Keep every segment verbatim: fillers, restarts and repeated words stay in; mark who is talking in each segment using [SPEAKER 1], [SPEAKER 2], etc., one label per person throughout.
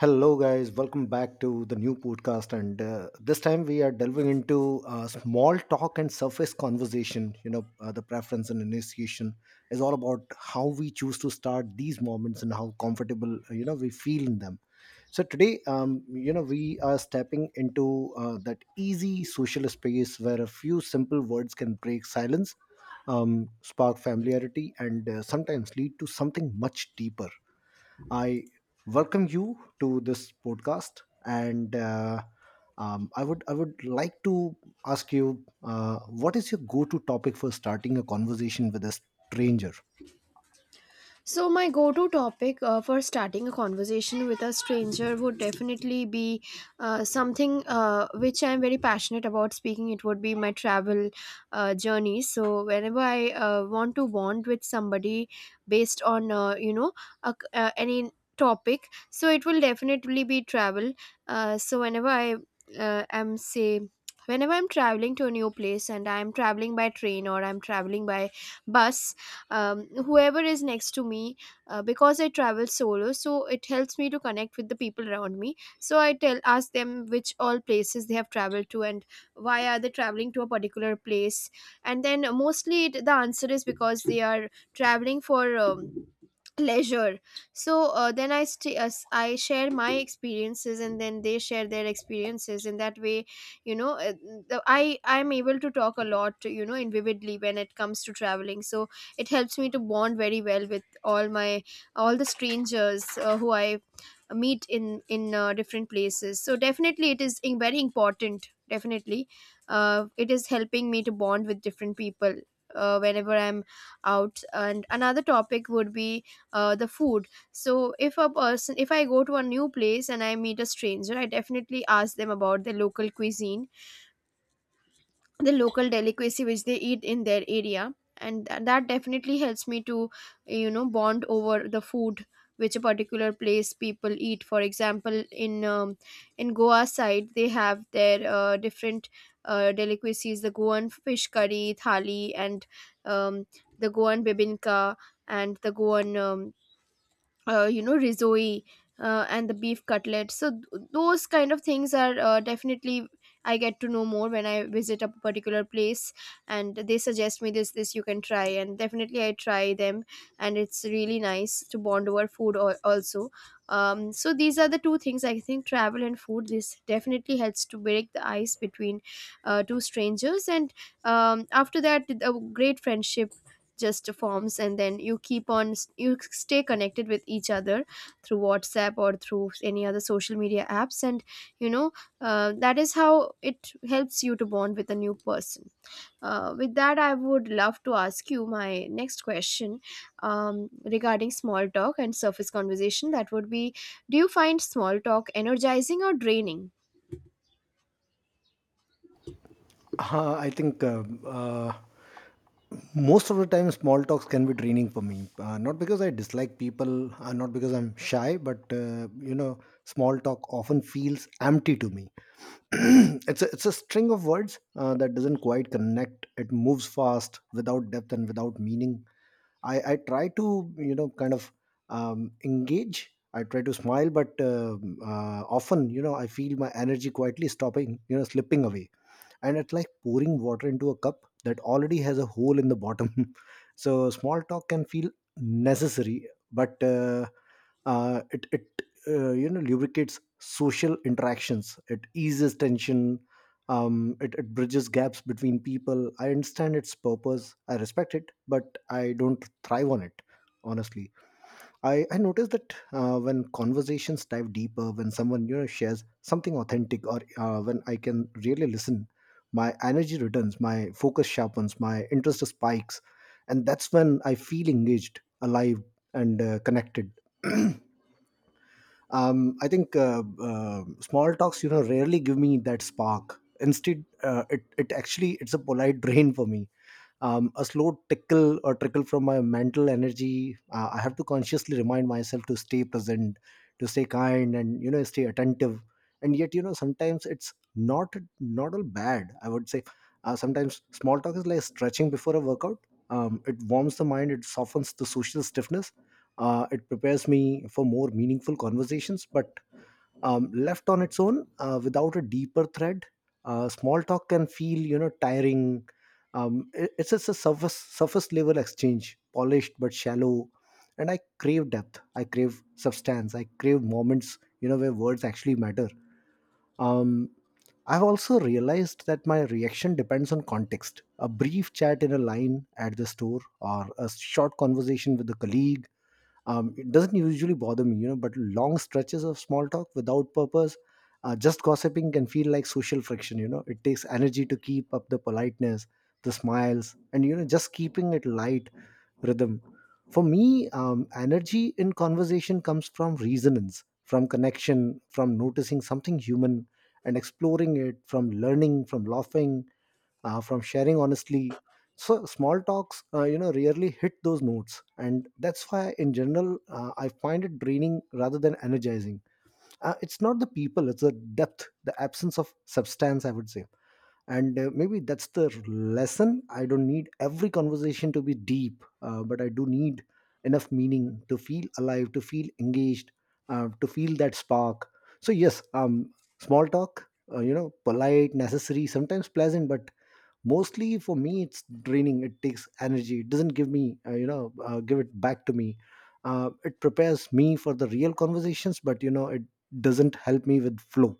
[SPEAKER 1] Hello, guys. Welcome back to the new podcast. And uh, This time we are delving into uh, small talk and surface conversation. You know, uh, the preference and initiation is all about how we choose to start these moments and how comfortable, uh, you know, we feel in them. So today, um, you know, we are stepping into uh, that easy social space where a few simple words can break silence, um, spark familiarity, and uh, sometimes lead to something much deeper. I welcome you to this podcast, and uh, um, I would I would like to ask you uh, what is your go-to topic for starting a conversation with a stranger?
[SPEAKER 2] So, my go to topic uh, for starting a conversation with a stranger would definitely be uh, something uh, which I'm very passionate about speaking. It would be my travel uh, journey. So, whenever I uh, want to bond with somebody based on, uh, you know, a, uh, any topic, so it will definitely be travel. Uh, so, whenever I uh, am, say, whenever I'm traveling to a new place and I'm traveling by train or I'm traveling by bus, um, whoever is next to me, uh, because I travel solo, so it helps me to connect with the people around me. So I tell ask them which all places they have traveled to and why are they traveling to a particular place. And then mostly it, the answer is because they are traveling for um, leisure. So, uh, then i st- uh, s- I share my experiences, and then they share their experiences in that way. You know uh, the- i i'm able to talk a lot, you know in vividly when it comes to traveling, so it helps me to bond very well with all my all the strangers, uh, who I meet in in uh, different places. So definitely it is in- very important. Definitely, uh, it is helping me to bond with different people, uh, whenever I'm out. And another topic would be uh, the food. So, if a person if I go to a new place and I meet a stranger, I definitely ask them about the local cuisine, the local delicacy which they eat in their area. And th- that definitely helps me to, you know bond over the food which a particular place people eat. For example, in um, in Goa side, they have their uh, different uh, delicacies: the Goan fish curry thali, and um, the Goan bibinka, and the Goan um, uh, you know risoi, uh, and the beef cutlet. So th- those kind of things are, uh, definitely I get to know more when I visit a particular place. And they suggest me, this this you can try, and definitely I try them. And it's really nice to bond over food al- also. Um, so these are the two things, I think: travel and food. This definitely helps to break the ice between uh, two strangers. And um, after that, a great friendship just forms. And then, you keep on you stay connected with each other through WhatsApp or through any other social media apps. And you know uh, that is how it helps you to bond with a new person. Uh, with that, I would love to ask you my next question, um, regarding small talk and surface conversation. That would be: do you find small talk energizing or draining?
[SPEAKER 1] Uh, I think. Um uh, most of the time small talks can be draining for me, uh, not because I dislike people, uh, not because I'm shy, but uh, you know small talk often feels empty to me. it's a, it's a string of words uh, that doesn't quite connect. It moves fast without depth and without meaning. I i try to, you know kind of, um, engage. I try to smile, but um uh, often, you know, I feel my energy quietly stopping, you know, slipping away, and it's like pouring water into a cup that already has a hole in the bottom. So small talk can feel necessary, but uh, uh, it it uh, you know, lubricates social interactions. It eases tension. Um, it, it bridges gaps between people. I understand its purpose. I respect it, but I don't thrive on it. Honestly, I, I noticed that uh, when conversations dive deeper, when someone, you know, shares something authentic, or uh, when I can really listen, my energy returns, my focus sharpens, my interest spikes, and that's when I feel engaged, alive, and uh, connected. um, I think, uh, uh, small talks, you know, rarely give me that spark. Instead, uh, it it actually it's a polite drain for me, um, a slow tickle or trickle from my mental energy. uh, I have to consciously remind myself to stay present, to stay kind, and, you know, stay attentive. And yet, you know, sometimes it's not, not all bad, I would say. Uh, sometimes small talk is like stretching before a workout. Um, it warms the mind. It softens the social stiffness. Uh, it prepares me for more meaningful conversations, but um, left on its own, uh, without a deeper thread, uh, small talk can feel, you know, tiring. Um, it- it's just a surface surface level exchange, polished but shallow. And I crave depth. I crave substance. I crave moments, you know, where words actually matter. um, I've also realized that my reaction depends on context. A brief chat in a line at the store, or a short conversation with a colleague, um, it doesn't usually bother me, you know, but long stretches of small talk without purpose, uh, just gossiping, can feel like social friction. You know, it takes energy to keep up the politeness, the smiles, and, you know, just keeping it light rhythm. For me, um, energy in conversation comes from resonance, from connection, from noticing something human and exploring it, from learning, from laughing, uh, from sharing honestly. So small talks, uh, you know, rarely hit those notes, and that's why in general, uh, I find it draining rather than energizing. Uh, it's not the people. It's the depth, the absence of substance, I would say. And uh, maybe that's the lesson. I don't need every conversation to be deep, uh, but I do need enough meaning to feel alive, to feel engaged, uh, to feel that spark. So yes, um small talk, uh, you know, polite, necessary, sometimes pleasant, but mostly for me it's draining. It takes energy. It doesn't give me, uh, you know uh, give it back to me. Uh, it prepares me for the real conversations, but, you know, it doesn't help me with flow.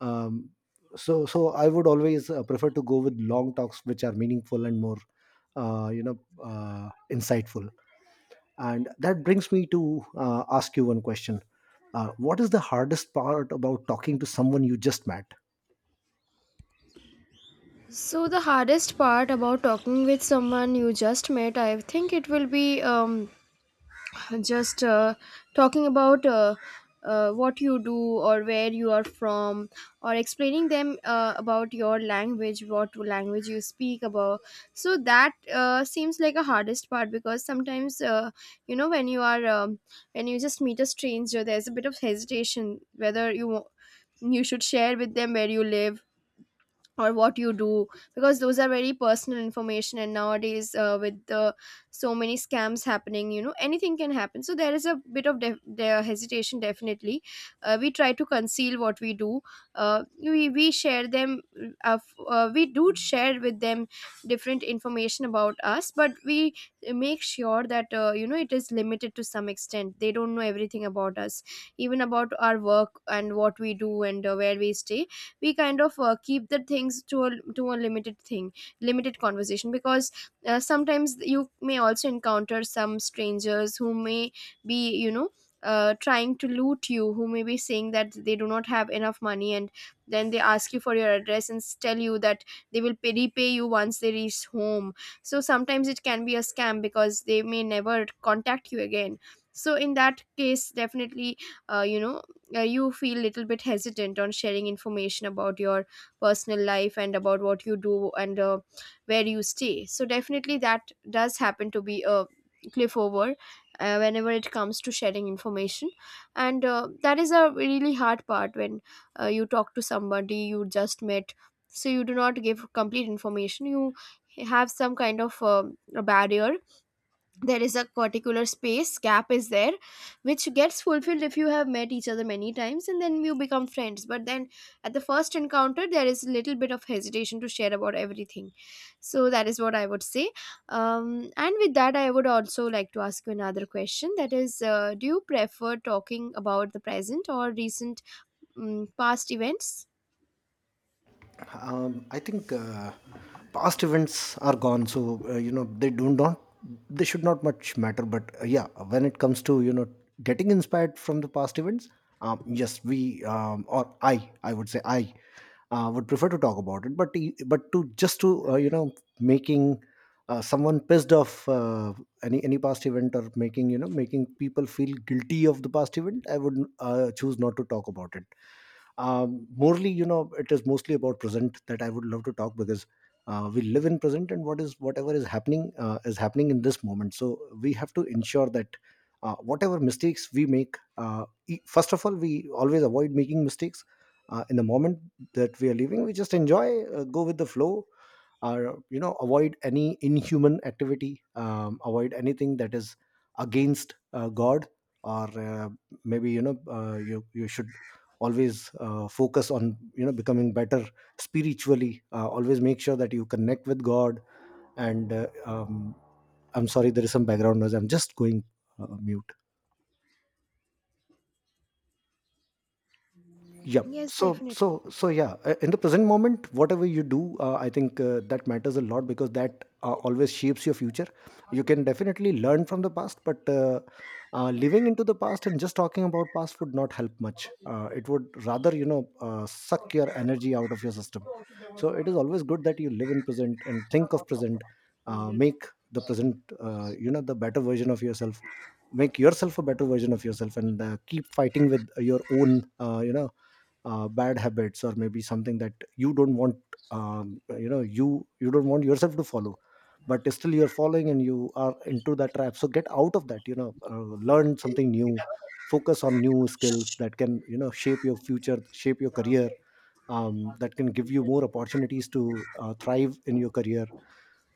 [SPEAKER 1] Um, so so I would always uh, prefer to go with long talks which are meaningful and more, uh, you know uh, insightful. And that brings me to uh, ask you one question. Uh, what is the hardest part about talking to someone you just met?
[SPEAKER 2] So the hardest part about talking with someone you just met, I think, it will be, um, just uh, talking about uh, uh, what you do or where you are from, or explaining them uh, about your language, what language you speak about. So that uh, seems like a hardest part, because sometimes, uh, you know when you are um, when you just meet a stranger, there's a bit of hesitation whether you you should share with them where you live or what you do. Because those are very personal information. And nowadays, uh, with the so many scams happening, you know anything can happen. So there is a bit of def- the hesitation, definitely. Uh, we try to conceal what we do. uh, we, we share them, uh, f- uh, we do share with them different information about us, but we make sure that, uh, you know it is limited to some extent. They don't know everything about us, even about our work and what we do and uh, where we stay. We kind of, uh, keep the things to a to a limited thing, limited conversation. Because, uh, sometimes you may also encounter some strangers who may be, you know uh, trying to loot you, who may be saying that they do not have enough money, and then they ask you for your address and s- tell you that they will pay, repay you once they reach home. So sometimes it can be a scam, because they may never contact you again. So in that case, definitely, uh, you know uh, you feel little bit hesitant on sharing information about your personal life and about what you do and uh, where you stay. So definitely that does happen to be a cliff over, uh, whenever it comes to sharing information. And uh, that is a really hard part when, uh, you talk to somebody you just met. So you do not give complete information. You have some kind of um a barrier. There is a particular space gap is there, which gets fulfilled if you have met each other many times and then you become friends. But then, at the first encounter, there is a little bit of hesitation to share about everything. So that is what I would say. Um, and with that, I would also like to ask you another question, that is, uh, do you prefer talking about the present or recent, um, past events?
[SPEAKER 1] Um, I think uh, past events are gone, so, uh, you know, they do not, they should not much matter. But uh, yeah, when it comes to, you know, getting inspired from the past events, um, yes, we um, or I, I would say I uh, would prefer to talk about it. But e- but to just to, uh, you know, making uh, someone pissed off, uh, any any past event, or making, you know, making people feel guilty of the past event, I would uh, choose not to talk about it. Um, morally, you know, it is mostly about present that I would love to talk, because uh, we live in present, and what is, whatever is happening, uh, is happening in this moment, so we have to ensure that, uh, whatever mistakes we make, uh, e- first of all, we always avoid making mistakes uh, in the moment that we are living. We just enjoy, uh, go with the flow, or, you know, avoid any inhuman activity, um, avoid anything that is against, uh, God, or uh, maybe, you know, uh, you you should always uh, focus on, you know, becoming better spiritually. Uh, always make sure that you connect with God. And uh, um, I'm sorry, there is some background noise. I'm just going uh, mute. Yep.
[SPEAKER 2] Yes,
[SPEAKER 1] So, so,
[SPEAKER 2] definitely.
[SPEAKER 1] so, yeah. uh, In the present moment, whatever you do, uh, I think uh, that matters a lot, because that uh, always shapes your future. You can definitely learn from the past, but uh, uh, living into the past and just talking about past would not help much. Uh, it would rather, you know, uh, suck your energy out of your system. So, it is always good that you live in present and think of present. Uh, make the present, uh, you know, the better version of yourself. Make yourself a better version of yourself, and uh, keep fighting with your own, uh, you know uh, bad habits, or maybe something that you don't want, um, you know, you you don't want yourself to follow, but still you're following and you are into that trap. So get out of that, you know, uh, learn something new. Focus on new skills that can, you know, shape your future, shape your career, um, that can give you more opportunities to uh, thrive in your career.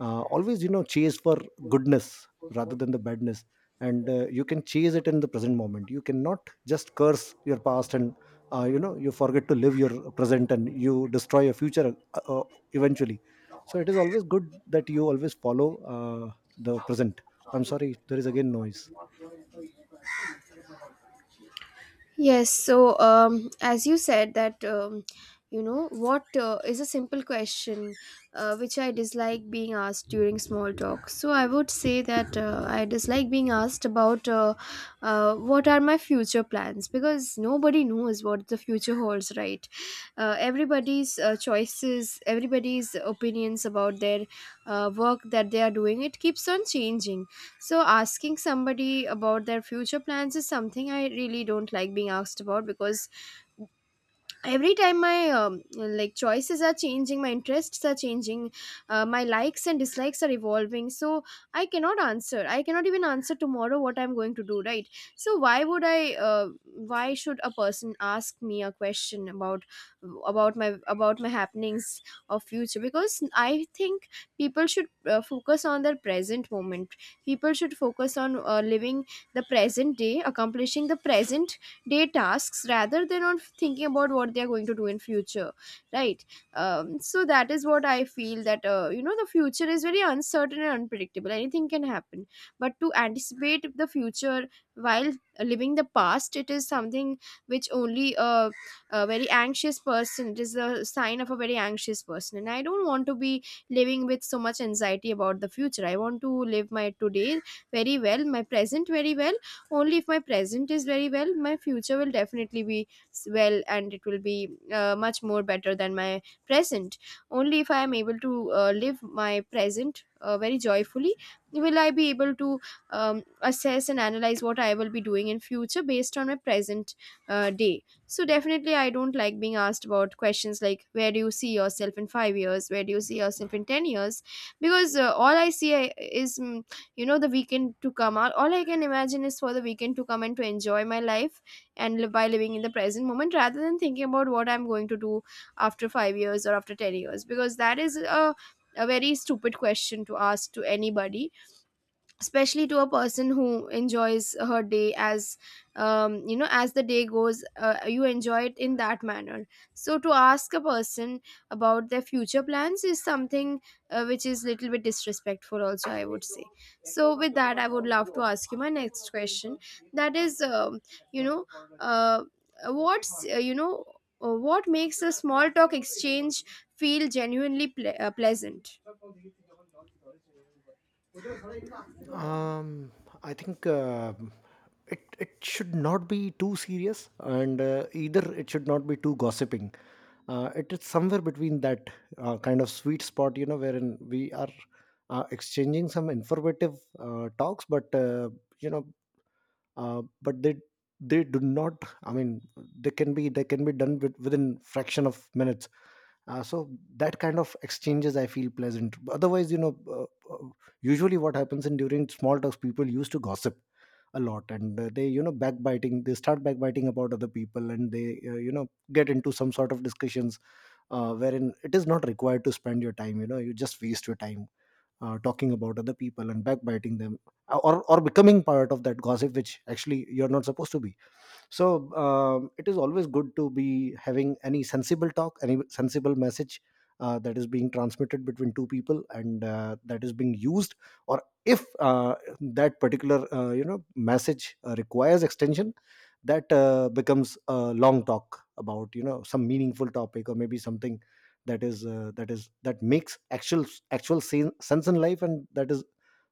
[SPEAKER 1] uh, Always, you know, chase for goodness rather than the badness. And uh, you can chase it in the present moment. You cannot just curse your past and, uh, you know, you forget to live your present and you destroy your future, uh, uh, eventually. So it is always good that you always follow uh, the present. I'm sorry, there is again noise.
[SPEAKER 2] Yes. So, um, as you said that, um, you know what uh, is a simple question uh, which I dislike being asked during small talk. So I would say that uh, I dislike being asked about, uh, uh, what are my future plans, because nobody knows what the future holds, right? Uh, everybody's uh, choices, everybody's opinions about their uh, work that they are doing, it keeps on changing. So asking somebody about their future plans is something I really don't like being asked about, because every time my, um, like, choices are changing, my interests are changing, uh, my likes and dislikes are evolving. So i cannot answer I cannot even answer tomorrow what I'm going to do, right? So why would I uh, why should a person ask me a question about about my about my happenings of future. Because I think people should, uh, focus on their present moment. People should focus on, uh, living the present day, accomplishing the present day tasks, rather than on thinking about what they are going to do in future, right? Um, so that is what I feel. That uh, you know the future is very uncertain and unpredictable. Anything can happen. But to anticipate the future while living the past, it is something which only a, a very anxious person, it is a sign of a very anxious person. And I don't want to be living with so much anxiety about the future. I want to live my today very well, my present very well. Only if my present is very well, my future will definitely be s- well. And it will be, uh, much more better than my present. Only if I am able to uh, live my present uh, very joyfully, will I be able to, um, assess and analyze what I will be doing in future based on my present uh, day. So definitely I don't like being asked about questions like, where do you see yourself in five years, where do you see yourself in ten years? Because, uh, all I see, I- is, mm, you know the weekend to come out, all I can imagine is for the weekend to come and to enjoy my life. And live by living in the present moment rather than thinking about what I'm going to do after five years or after ten years. Because that is a a very stupid question to ask to anybody, especially to a person who enjoys her day as, um, you know as the day goes, uh, you enjoy it in that manner. So to ask a person about their future plans is something, uh, which is little bit disrespectful also, I would say. So with that, I would love to ask you my next question, that is, um, you know uh, what's uh, you know uh, what makes a small talk exchange feel genuinely ple- uh, pleasant.
[SPEAKER 1] Um, I think uh, it it should not be too serious, and uh, either it should not be too gossiping. Uh, it is somewhere between that, uh, kind of sweet spot, you know, wherein we are uh, exchanging some informative uh, talks, but, uh, you know, uh, but they they do not. I mean, they can be they can be done with, within fraction of minutes, uh, so that kind of exchanges I feel pleasant. Otherwise, you know, uh, uh, usually what happens in during small talks, people used to gossip a lot, and uh, they, you know, backbiting, they start backbiting about other people, and they, uh, you know, get into some sort of discussions uh, wherein it is not required to spend your time. You know, you just waste your time uh, talking about other people and backbiting them, uh, or or becoming part of that gossip, which actually you're not supposed to be. So um, it is always good to be having any sensible talk, any sensible message uh, that is being transmitted between two people, and uh, that is being used. Or if uh, that particular, uh, you know, message uh, requires extension, that uh, becomes a long talk about, you know, some meaningful topic, or maybe something that is uh, that is that makes actual actual sen- sense in life, and that is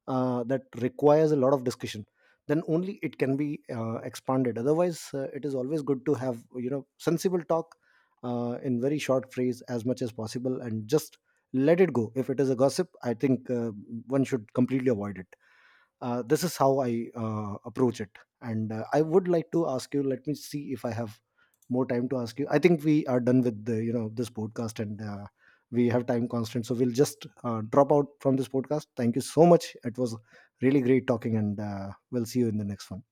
[SPEAKER 1] uh, that requires a lot of discussion, then only it can be uh, expanded. Otherwise, uh, it is always good to have, you know, sensible talk uh, in very short phrase as much as possible, and just let it go. If it is a gossip, I think, uh, one should completely avoid it. Uh, this is how I uh, approach it. And uh, I would like to ask you, let me see if I have more time to ask you. I think we are done with the, you know, this podcast, and uh, we have time constraint, so we'll just uh, drop out from this podcast. Thank you so much. It was really great talking, and uh, we'll see you in the next one.